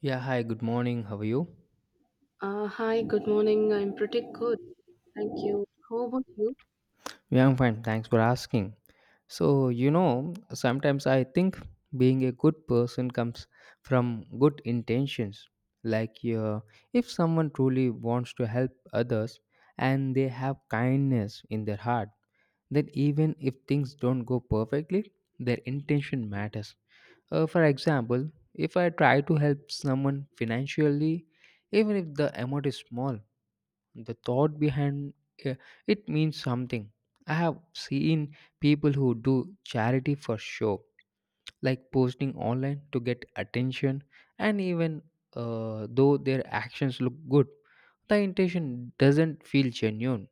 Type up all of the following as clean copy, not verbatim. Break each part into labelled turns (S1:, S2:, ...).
S1: Yeah, hi, good morning. How are you?
S2: Hi, good morning. I'm pretty good. Thank you. How about you?
S1: Yeah, I'm fine. Thanks for asking. So, sometimes I think being a good person comes from good intentions. Like, if someone truly wants to help others and they have kindness in their heart, then even if things don't go perfectly, their intention matters. For example, if I try to help someone financially, even if the amount is small, the thought behind uh, it means something. I have seen people who do charity for show, like posting online to get attention. And even though their actions look good, the intention doesn't feel genuine.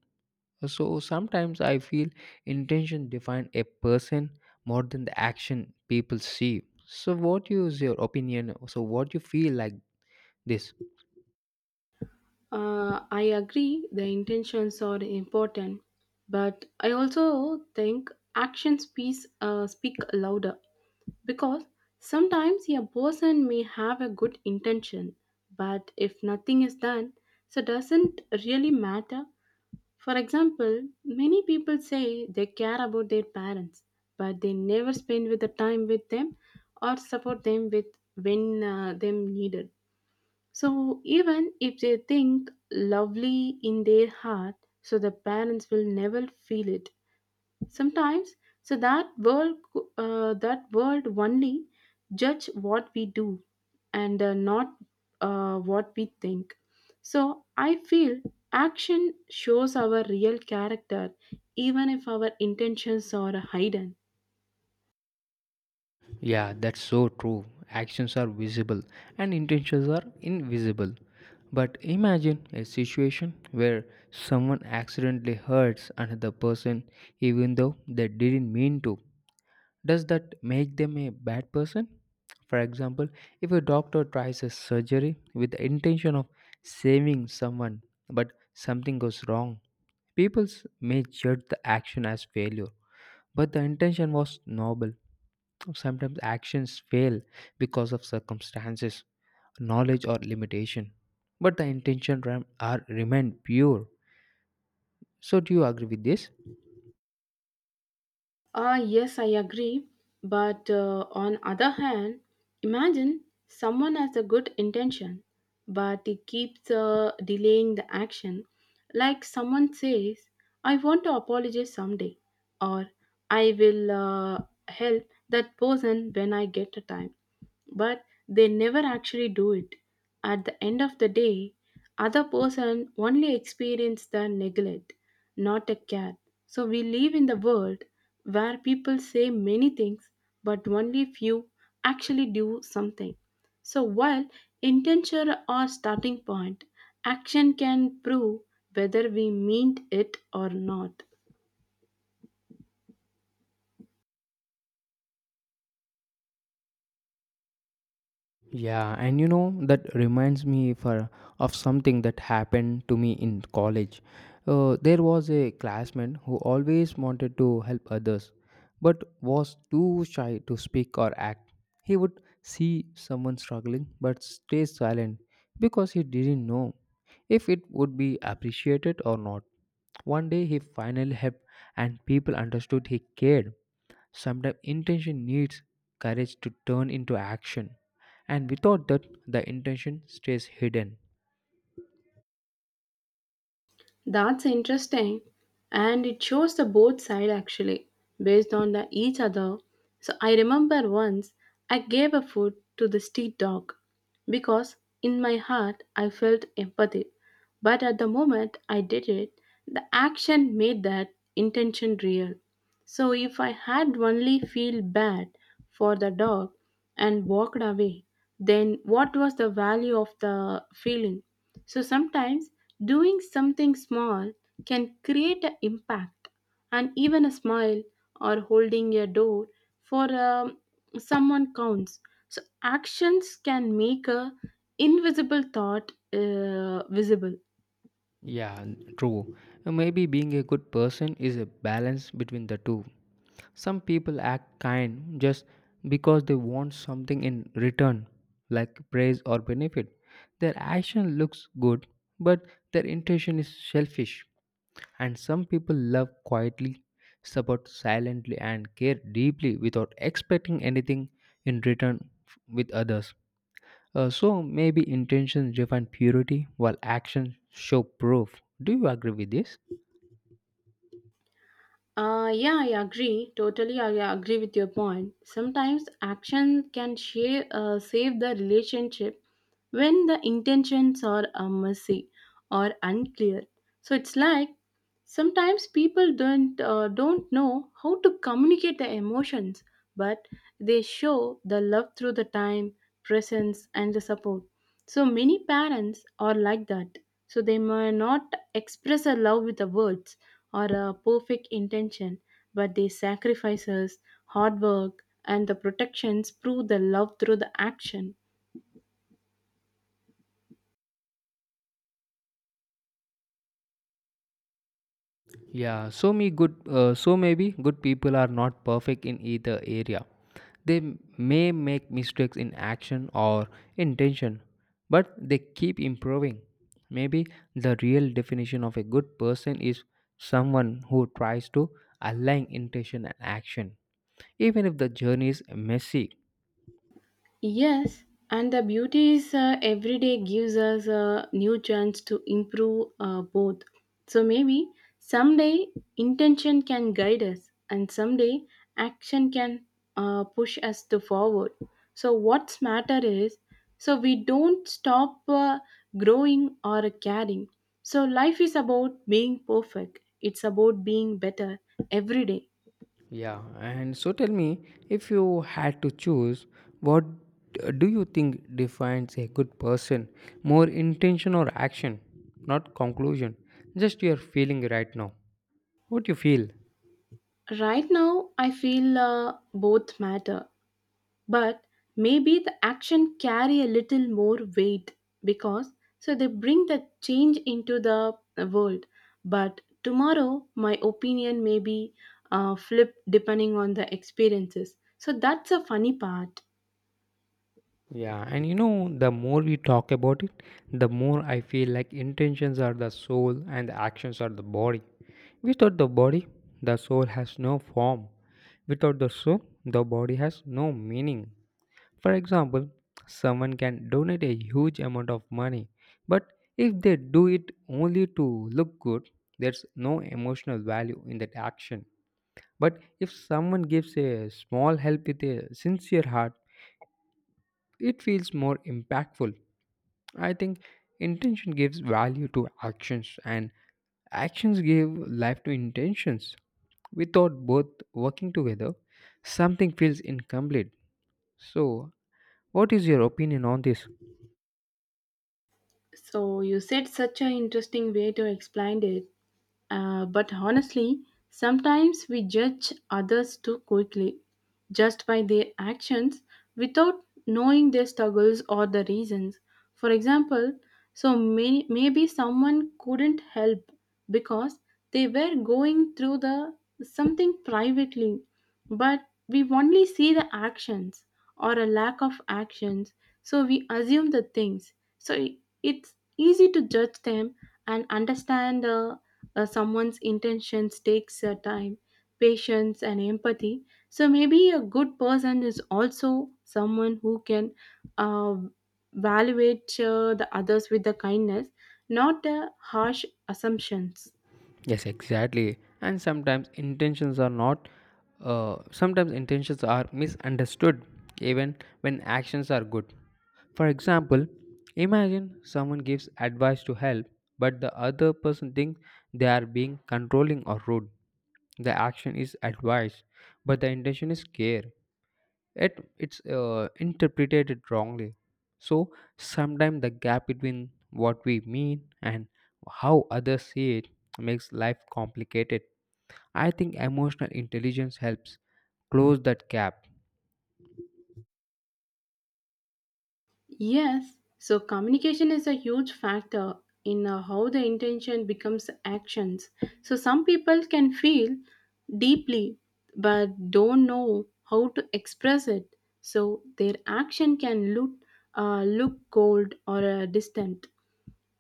S1: So sometimes I feel intention define a person more than the action people see. So what is your opinion? So what you feel like this?
S2: I agree the intentions are important, but I also think actions speak louder because sometimes a person may have a good intention, but if nothing is done, so doesn't really matter. For example, many people say they care about their parents, but they never spend with the time with them or support them with when them needed. So even if they think lovely in their heart, so the parents will never feel it. Sometimes, so that world only judge what we do and not what we think. So I feel action shows our real character even if our intentions are hidden.
S1: Yeah, that's so true. Actions are visible and intentions are invisible. But imagine a situation where someone accidentally hurts another person even though they didn't mean to. Does that make them a bad person? For example, if a doctor tries a surgery with the intention of saving someone but something goes wrong, people may judge the action as failure, but the intention was noble. Sometimes actions fail because of circumstances, knowledge, or limitation, but the intention rem- are remain pure. So, do you agree with this?
S2: Ah, yes, I agree. But on other hand, imagine someone has a good intention, but he keeps delaying the action. Like someone says, "I want to apologize someday," or "I will help that person when I get a time," but they never actually do it. At the end of the day, other person only experience the neglect, not a care. So we live in the world where people say many things but only few actually do something. So while intention or starting point, action can prove whether we meant it or not.
S1: Yeah, and that reminds me for of something that happened to me in college. There was a classmate who always wanted to help others, but was too shy to speak or act. He would see someone struggling but stay silent because he didn't know if it would be appreciated or not. One day he finally helped, and people understood he cared. Sometimes intention needs courage to turn into action, and without that, the intention stays hidden.
S2: That's interesting, and it shows the both side actually, based on the each other. So I remember once I gave a food to the street dog because in my heart I felt empathy, but at the moment I did it, the action made that intention real. So if I had only feel bad for the dog and walked away, then what was the value of the feeling? So sometimes doing something small can create an impact, and even a smile or holding a door for someone counts. So actions can make a invisible thought visible.
S1: Yeah, true. Maybe being a good person is a balance between the two. Some people act kind just because they want something in return, like praise or benefit. Their action looks good, but their intention is selfish. And some people love quietly, support silently, and care deeply without expecting anything in return with others. So maybe intentions define purity while actions show proof. Do you agree with this?
S2: Yeah, I agree. Totally, I agree with your point. Sometimes action can save the relationship when the intentions are messy or unclear. So it's like sometimes people don't know how to communicate their emotions, but they show the love through the time, presence, and the support. So many parents are like that. So they may not express a love with the words or a perfect intention, but they sacrifices, hard work, and the protections prove the love through the action.
S1: Yeah. So me good. So maybe good people are not perfect in either area. They may make mistakes in action or intention, but they keep improving. Maybe the real definition of a good person is someone who tries to align intention and action, even if the journey is messy.
S2: Yes, and the beauty is every day gives us a new chance to improve both. So maybe someday intention can guide us, and someday action can push us to forward. So what's matter is so we don't stop growing or caring. So life is about being perfect. It's about being better every day.
S1: Yeah, and so tell me if you had to choose, what do you think defines a good person? More intention or action, not conclusion. Just your feeling right now. What you feel?
S2: Right now, I feel both matter, but maybe the action carry a little more weight because so they bring the change into the world, but tomorrow my opinion may be flipped depending on the experiences, so that's a funny part.
S1: Yeah, and the more we talk about it, the more I feel like intentions are the soul and the actions are the body. Without the body, the soul has no form. Without the soul, the body has no meaning. For example, someone can donate a huge amount of money, but if they do it only to look good, there's no emotional value in that action. But if someone gives a small help with a sincere heart, it feels more impactful. I think intention gives value to actions, and actions give life to intentions. Without both working together, something feels incomplete. So, what is your opinion on this?
S2: So you said such an interesting way to explain it. But honestly, sometimes we judge others too quickly, just by their actions, without knowing their struggles or the reasons. For example, so maybe someone couldn't help because they were going through the something privately, but we only see the actions or a lack of actions, so we assume the things. So it's easy to judge them and understand someone's intentions takes time, patience, and empathy. So maybe a good person is also someone who can uh, evaluate the others with the kindness, not harsh assumptions.
S1: Yes, exactly. And sometimes intentions are not, sometimes intentions are misunderstood even when actions are good. For example, imagine someone gives advice to help, but the other person thinks they are being controlling or rude. The action is advice, but the intention is care. It's interpreted it wrongly. So sometimes the gap between what we mean and how others see it makes life complicated. I think emotional intelligence helps close that gap.
S2: Yes, so communication is a huge factor in how the intention becomes actions. So some people can feel deeply but don't know how to express it. So their action can look cold or distant.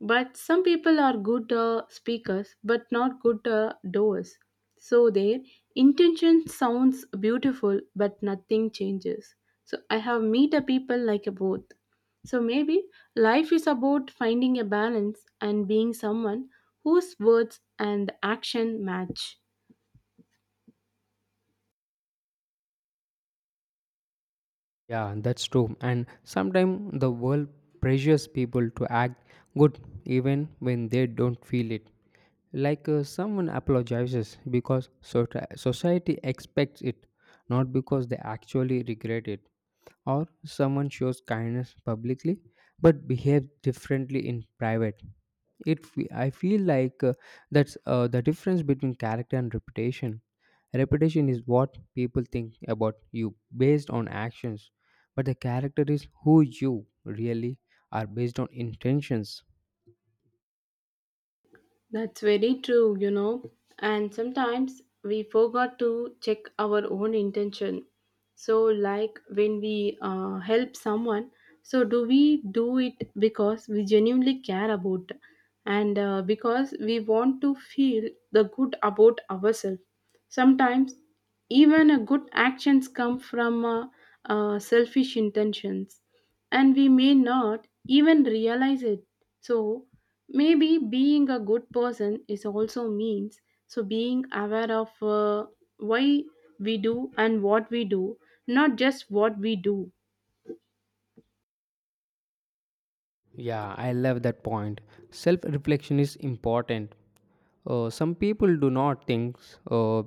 S2: But some people are good speakers but not good doers. So their intention sounds beautiful but nothing changes. So I have meet a people like a both. So maybe life is about finding a balance and being someone whose words and action match.
S1: Yeah, that's true. And sometimes the world pressures people to act good even when they don't feel it. Like someone apologizes because society expects it, not because they actually regret it, or someone shows kindness publicly but behaves differently in private. I feel like that's the difference between character and reputation. Reputation is what people think about you based on actions, but the character is who you really are based on intentions.
S2: That's very true, you know. And sometimes we forgot to check our own intention. So, like when we help someone, so do we do it because we genuinely care about, and because we want to feel the good about ourselves? Sometimes even a good actions come from selfish intentions and we may not even realize it. So, maybe being a good person is also means so being aware of why we do and what we do, not just what we do.
S1: Yeah, I love that point. Self reflection is important. Some people do not think uh,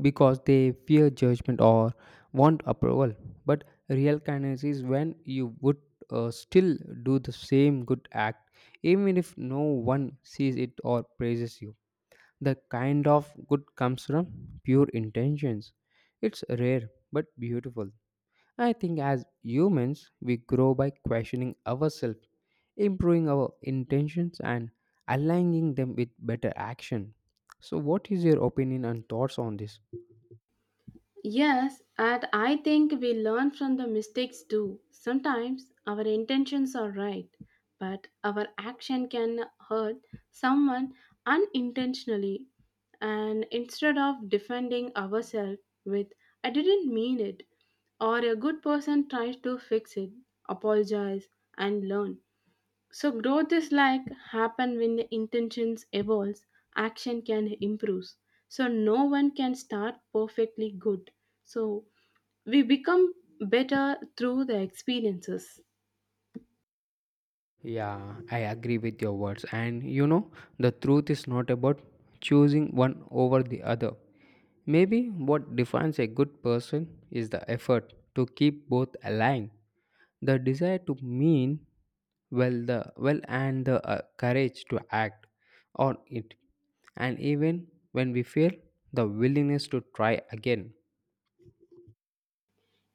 S1: because they fear judgment or want approval. But real kindness is when you would still do the same good act, even if no one sees it or praises you. The kind of good comes from pure intentions. It's rare but beautiful. I think as humans, we grow by questioning ourselves, improving our intentions, and aligning them with better action. So, what is your opinion and thoughts on this?
S2: Yes, and I think we learn from the mistakes too. Sometimes our intentions are right, but our action can hurt someone unintentionally. And instead of defending ourselves with, "I didn't mean it," or a good person tries to fix it, apologize, and learn. So growth is like happen when the intentions evolves, action can improve. So no one can start perfectly good. So we become better through the experiences.
S1: Yeah, I agree with your words. And the truth is not about choosing one over the other. Maybe what defines a good person is the effort to keep both aligned, the desire to mean well the well and the courage to act on it, and even when we fail, the willingness to try again.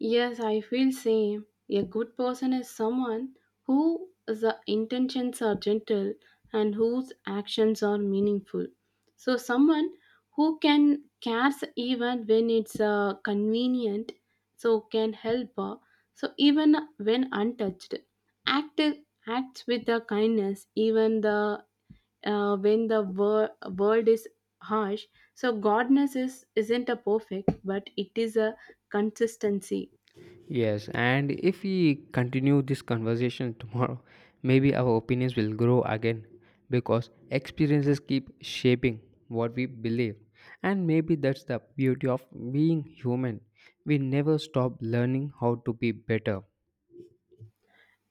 S2: Yes, I feel same. A good person is someone who the intentions are gentle and whose actions are meaningful. So someone who can cares even when it's convenient, so can help. So even when untouched, act acts with the kindness even the when the world is harsh. So godness is isn't a perfect, but it is a consistency.
S1: Yes, and if we continue this conversation tomorrow, maybe our opinions will grow again, because experiences keep shaping what we believe. And maybe that's the beauty of being human. We never stop learning how to be better.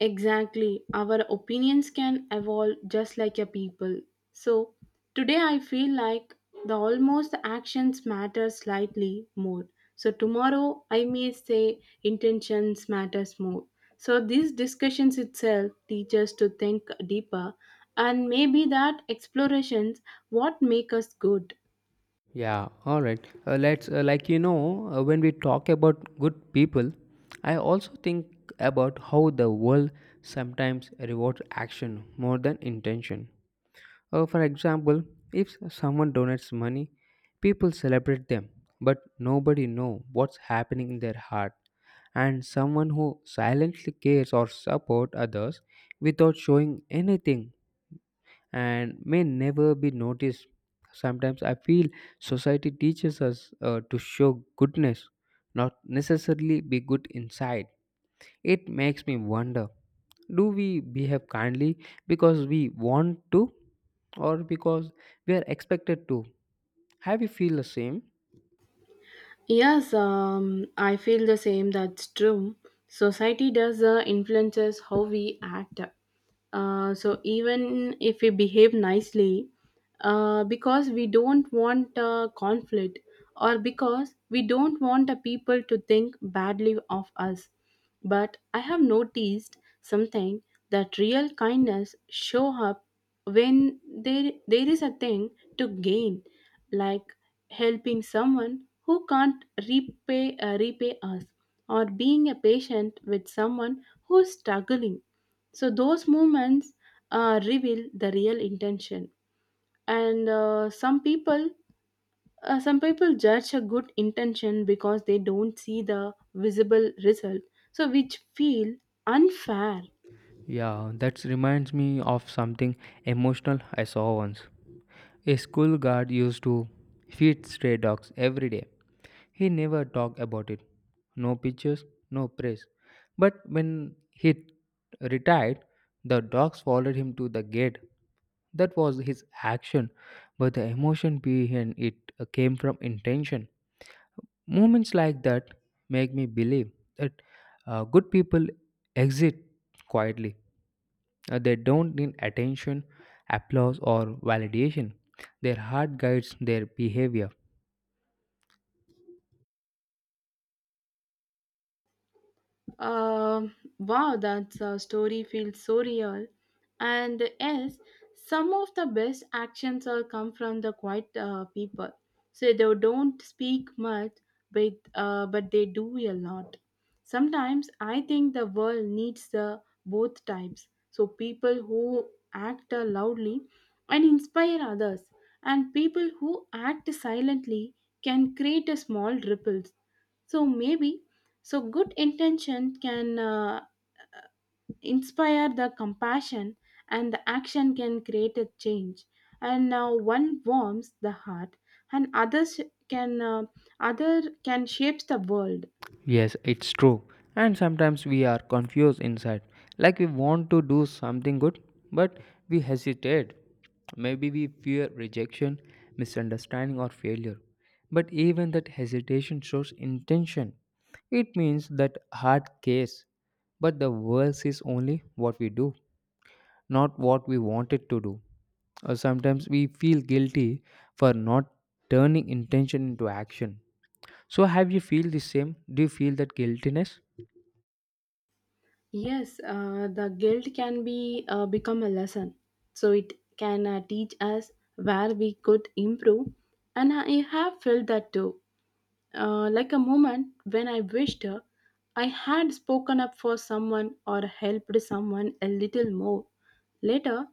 S2: Exactly. Our opinions can evolve just like a people. So today I feel like the almost actions matter slightly more. So tomorrow I may say intentions matters more. So these discussions itself teach us to think deeper, and maybe that explorations what make us good.
S1: Yeah, all right. Let's like, when we talk about good people, I also think about how the world sometimes rewards action more than intention. For example, if someone donates money, people celebrate them, but nobody know what's happening in their heart. And someone who silently cares or support others without showing anything and may never be noticed. Sometimes I feel society teaches us to show goodness, not necessarily be good inside. It makes me wonder, do we behave kindly because we want to or because we are expected to? Have you feel the same?
S2: Yes, I feel the same. That's true. Society does influences how we act. So even if we behave nicely, because we don't want conflict, or because we don't want people to think badly of us. But I have noticed something that real kindness show up when there is a thing to gain, like helping someone who can't repay us, or being a patient with someone who's struggling. So those moments reveal the real intention, and some people judge a good intention because they don't see the visible result, so which feel unfair.
S1: Yeah, that reminds me of something emotional I saw once. A school guard used to feed stray dogs every day. He never talked about it. No pictures, no praise. But when he retired, the dogs followed him to the gate. That was his action, but the emotion behind it came from intention. Moments like that make me believe that good people exist quietly. They don't need attention, applause, or validation. Their heart guides their behavior.
S2: Wow, that story feels so real. And yes, some of the best actions all come from the quiet people. So they don't speak much, but they do a lot. Sometimes I think the world needs the both types. So people who act loudly and inspire others, and people who act silently can create a small ripples. So maybe so good intention can inspire the compassion, and the action can create a change, and now one warms the heart, and others can other can shapes the world.
S1: Yes, it's true. And sometimes we are confused inside. Like we want to do something good, but we hesitate. Maybe we fear rejection, misunderstanding, or failure. But even that hesitation shows intention. It means that heart cares, but the world sees only what we do, not what we wanted to do. Sometimes we feel guilty for not turning intention into action. So, have you feel the same? Do you feel that guiltiness?
S2: Yes, the guilt can be become a lesson. So it can teach us where we could improve, and I have felt that too, like a moment when I wished I had spoken up for someone or helped someone a little more. Later,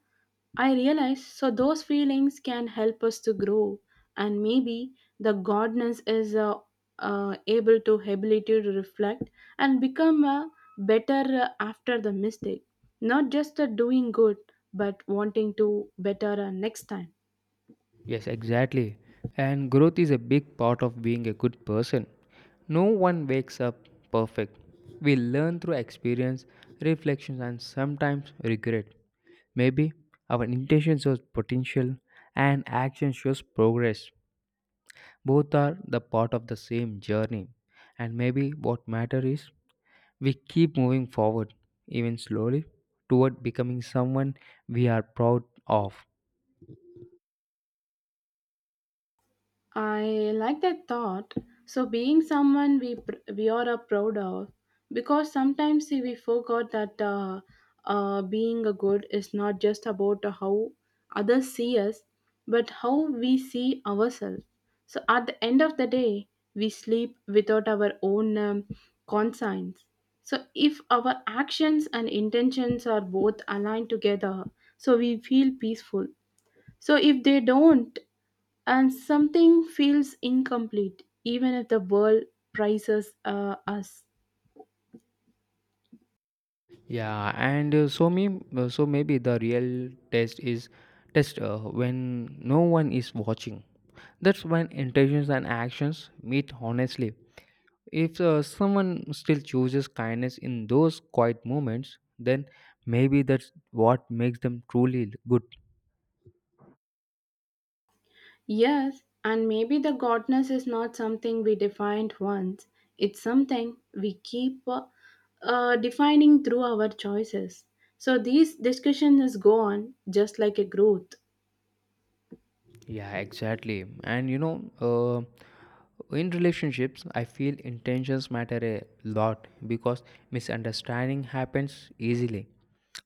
S2: I realized so those feelings can help us to grow, and maybe the godness is able to ability to reflect and become better after the mistake. Not just doing good, but wanting to better next time.
S1: Yes, exactly. And growth is a big part of being a good person. No one wakes up perfect. We learn through experience, reflections, and sometimes regret. Maybe our intention shows potential and action shows progress. Both are the part of the same journey, and maybe what matters is we keep moving forward, even slowly, toward becoming someone we are proud of.
S2: I like that thought. So, being someone we are a proud of, because sometimes we forgot that being a good is not just about how others see us, but how we see ourselves. So, at the end of the day, we sleep without our own conscience. So, if our actions and intentions are both aligned together, so we feel peaceful. So, if they don't, and something feels incomplete even if the world prizes us.
S1: Yeah, and so maybe the real test is test when no one is watching. That's when intentions and actions meet honestly. If someone still chooses kindness in those quiet moments, then maybe that's what makes them truly good.
S2: Yes, and maybe the godness is not something we defined once, it's something we keep defining through our choices, so these discussions go on just like a growth.
S1: Yeah, exactly. And in relationships, I feel intentions matter a lot because misunderstanding happens easily.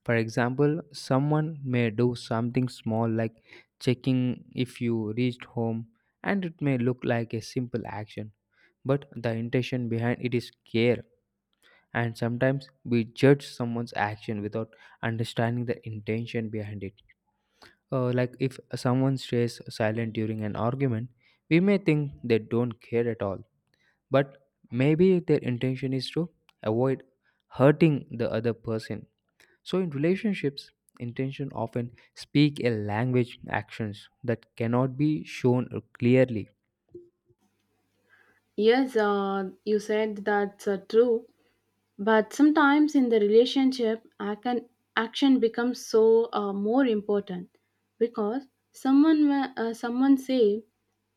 S1: For example, someone may do something small like checking if you reached home, and it may look like a simple action, but the intention behind it is care. And sometimes we judge someone's action without understanding the intention behind it. Like if someone stays silent during an argument, we may think they don't care at all, but maybe their intention is to avoid hurting the other person. So in relationships, intention often speak a language actions that cannot be shown clearly.
S2: Yes, you said that's true, but sometimes in the relationship, action becomes so more important, because someone say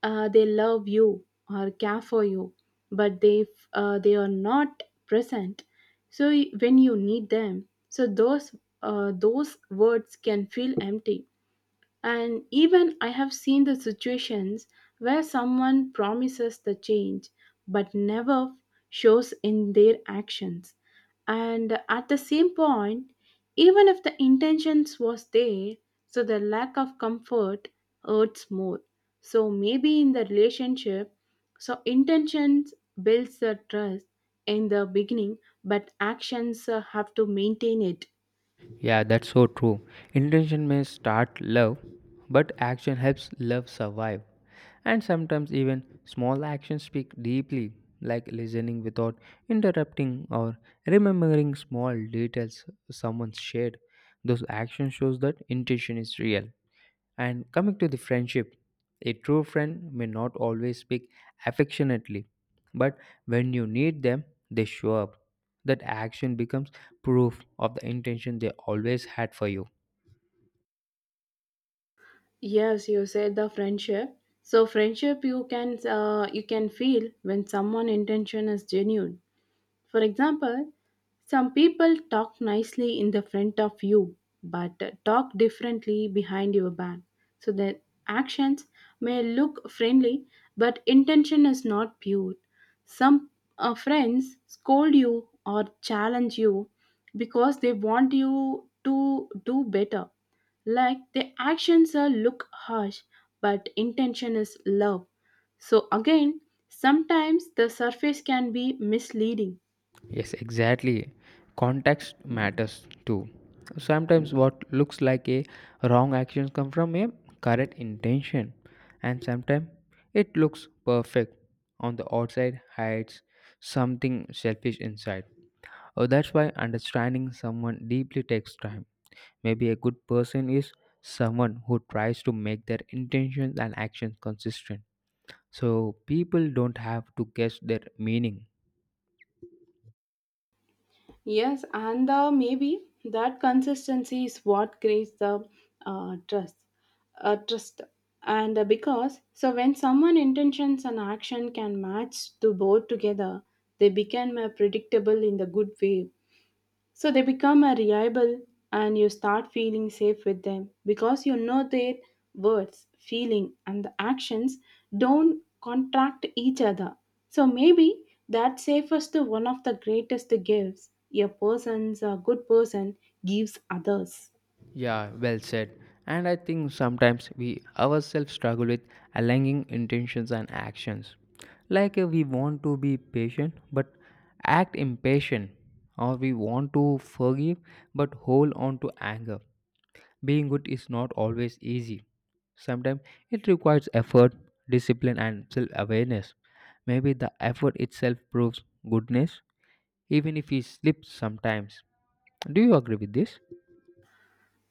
S2: they love you or care for you, but they are not present, so when you need them, so those words can feel empty. And even I have seen the situations where someone promises the change but never shows in their actions. And at the same point, even if the intentions was there, so the lack of comfort hurts more. So maybe in the relationship, so intentions builds the trust in the beginning, but actions have to maintain it.
S1: Yeah, that's so true. Intention may start love, but action helps love survive. And sometimes even small actions speak deeply, like listening without interrupting or remembering small details someone shared. Those actions shows that intention is real. And coming to the friendship, a true friend may not always speak affectionately, but when you need them, they show up. That action becomes proof of the intention they always had for you.
S2: Yes, you said the friendship. So friendship you can feel when someone intention is genuine. For example, some people talk nicely in the front of you but talk differently behind your back. So their actions may look friendly but intention is not pure. Some friends scold you or challenge you because they want you to do better. Like their actions are look harsh but intention is love. So again, sometimes the surface can be misleading.
S1: Yes, exactly. Context matters too. Sometimes what looks like a wrong action comes from a correct intention, and sometimes it looks perfect on the outside hides something selfish inside. Oh, that's why understanding someone deeply takes time. Maybe a good person is someone who tries to make their intentions and actions consistent, so people don't have to guess their meaning.
S2: Yes, and maybe that consistency is what creates the trust. Trust. And because, so when someone intentions and action can match to both together, they become predictable in the good way. So they become a reliable, and you start feeling safe with them because you know their words, feeling and the actions don't contract each other. So maybe that safest one of the greatest gifts a person's a good person gives others.
S1: Yeah, well said. And I think sometimes we ourselves struggle with aligning intentions and actions. Like we want to be patient but act impatient, or we want to forgive but hold on to anger. Being good is not always easy. Sometimes it requires effort, discipline, and self awareness. Maybe the effort itself proves goodness, even if we slip sometimes. Do you agree with this?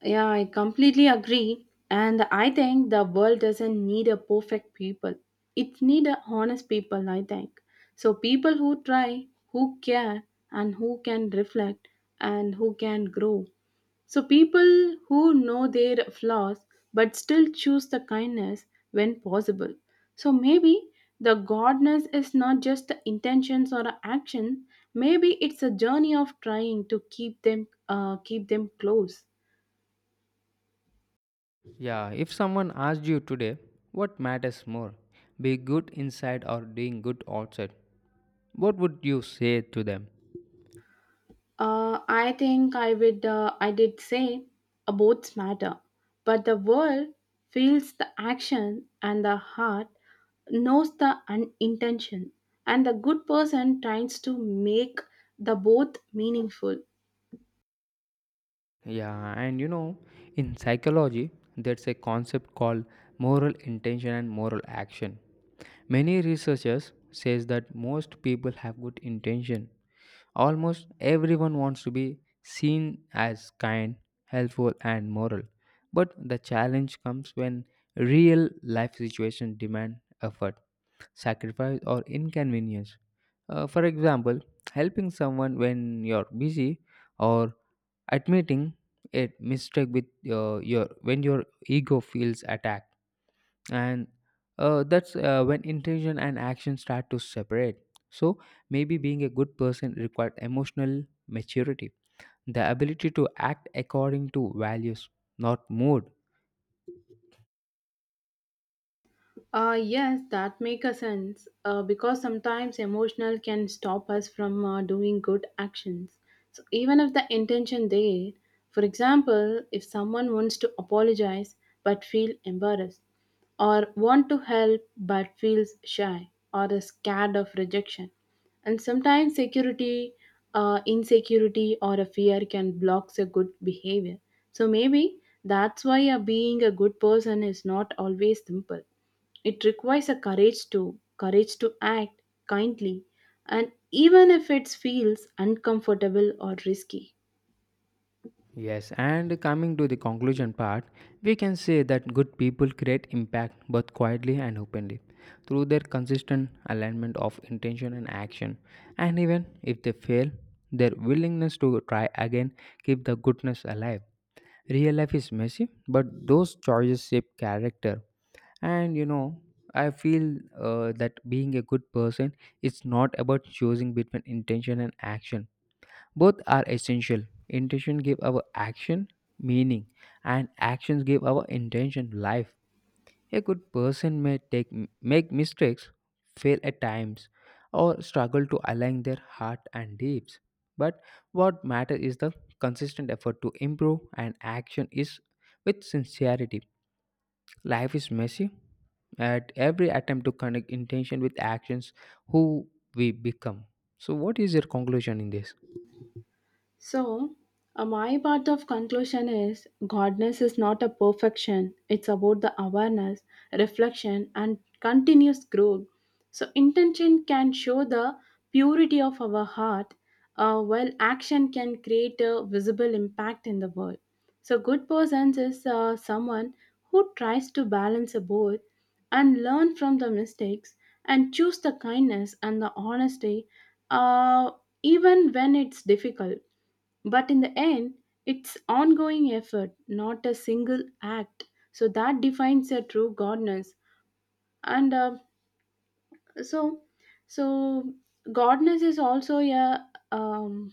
S2: Yeah, I completely agree. And I think the world doesn't need a perfect people. It need a honest people, I think. So people who try, who care, and who can reflect and who can grow. So people who know their flaws but still choose the kindness when possible. So maybe the godness is not just the intentions or a action. Maybe it's a journey of trying to keep them close.
S1: Yeah, if someone asked you today, what matters more, being good inside or doing good outside, what would you say to them?
S2: I think I would. I did say both matter, but the world feels the action, and the heart knows the intention, and the good person tries to make the both meaningful.
S1: Yeah, and in psychology, there's a concept called moral intention and moral action. Many researchers says that most people have good intention. Almost everyone wants to be seen as kind, helpful and moral. But the challenge comes when real life situations demand effort, sacrifice or inconvenience. For example, helping someone when you're busy or admitting a mistake with your when your ego feels attacked. And that's when intention and action start to separate. So maybe being a good person required emotional maturity, the ability to act according to values, not mood.
S2: Yes, that makes a sense because sometimes emotional can stop us from doing good actions. So even if the intention there, for example, if someone wants to apologize but feel embarrassed, or want to help but feels shy or is scared of rejection, and sometimes security, insecurity, or a fear can block a good behavior. So maybe that's why being a good person is not always simple. It requires a courage to act kindly and even if it feels uncomfortable or risky.
S1: Yes, and coming to the conclusion part, we can say that good people create impact both quietly and openly through their consistent alignment of intention and action. And even if they fail, their willingness to try again keep the goodness alive. Real life is messy, but those choices shape character. And I feel that being a good person is not about choosing between intention and action. Both are essential. Intention give our action meaning, and actions give our intention life. A good person may take make mistakes, fail at times, or struggle to align their heart and deeds. But what matters is the consistent effort to improve, and action is with sincerity. Life is messy. At every attempt to connect intention with actions, who we become. So, what is your conclusion in this?
S2: So, my part of conclusion is godness is not a perfection. It's about the awareness, reflection, and continuous growth. So, intention can show the purity of our heart, while action can create a visible impact in the world. So, good persons is someone who tries to balance both and learn from the mistakes and choose the kindness and the honesty, uh, even when it's difficult. But in the end, it's ongoing effort, not a single act. So that defines a true godness. And so, so, godness is also a um,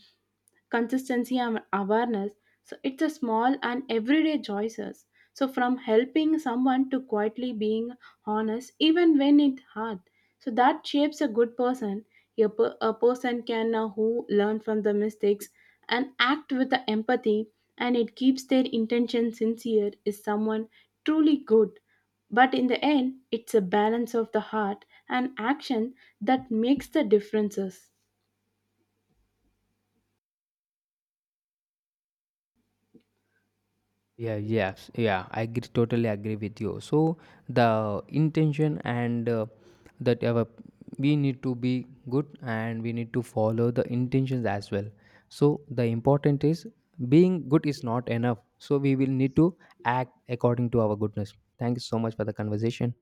S2: consistency and awareness. So it's a small and everyday choices. So from helping someone to quietly being honest, even when it's hard. So that shapes a good person. A person can who learn from the mistakes and act with the empathy and it keeps their intention sincere is someone truly good. But in the end, it's a balance of the heart and action that makes the differences.
S1: Yeah, yes, yeah, I agree, totally agree with you. So the intention and that our, we need to be good and we need to follow the intentions as well. So the important is being good is not enough. So we will need to act according to our goodness. Thank you so much for the conversation.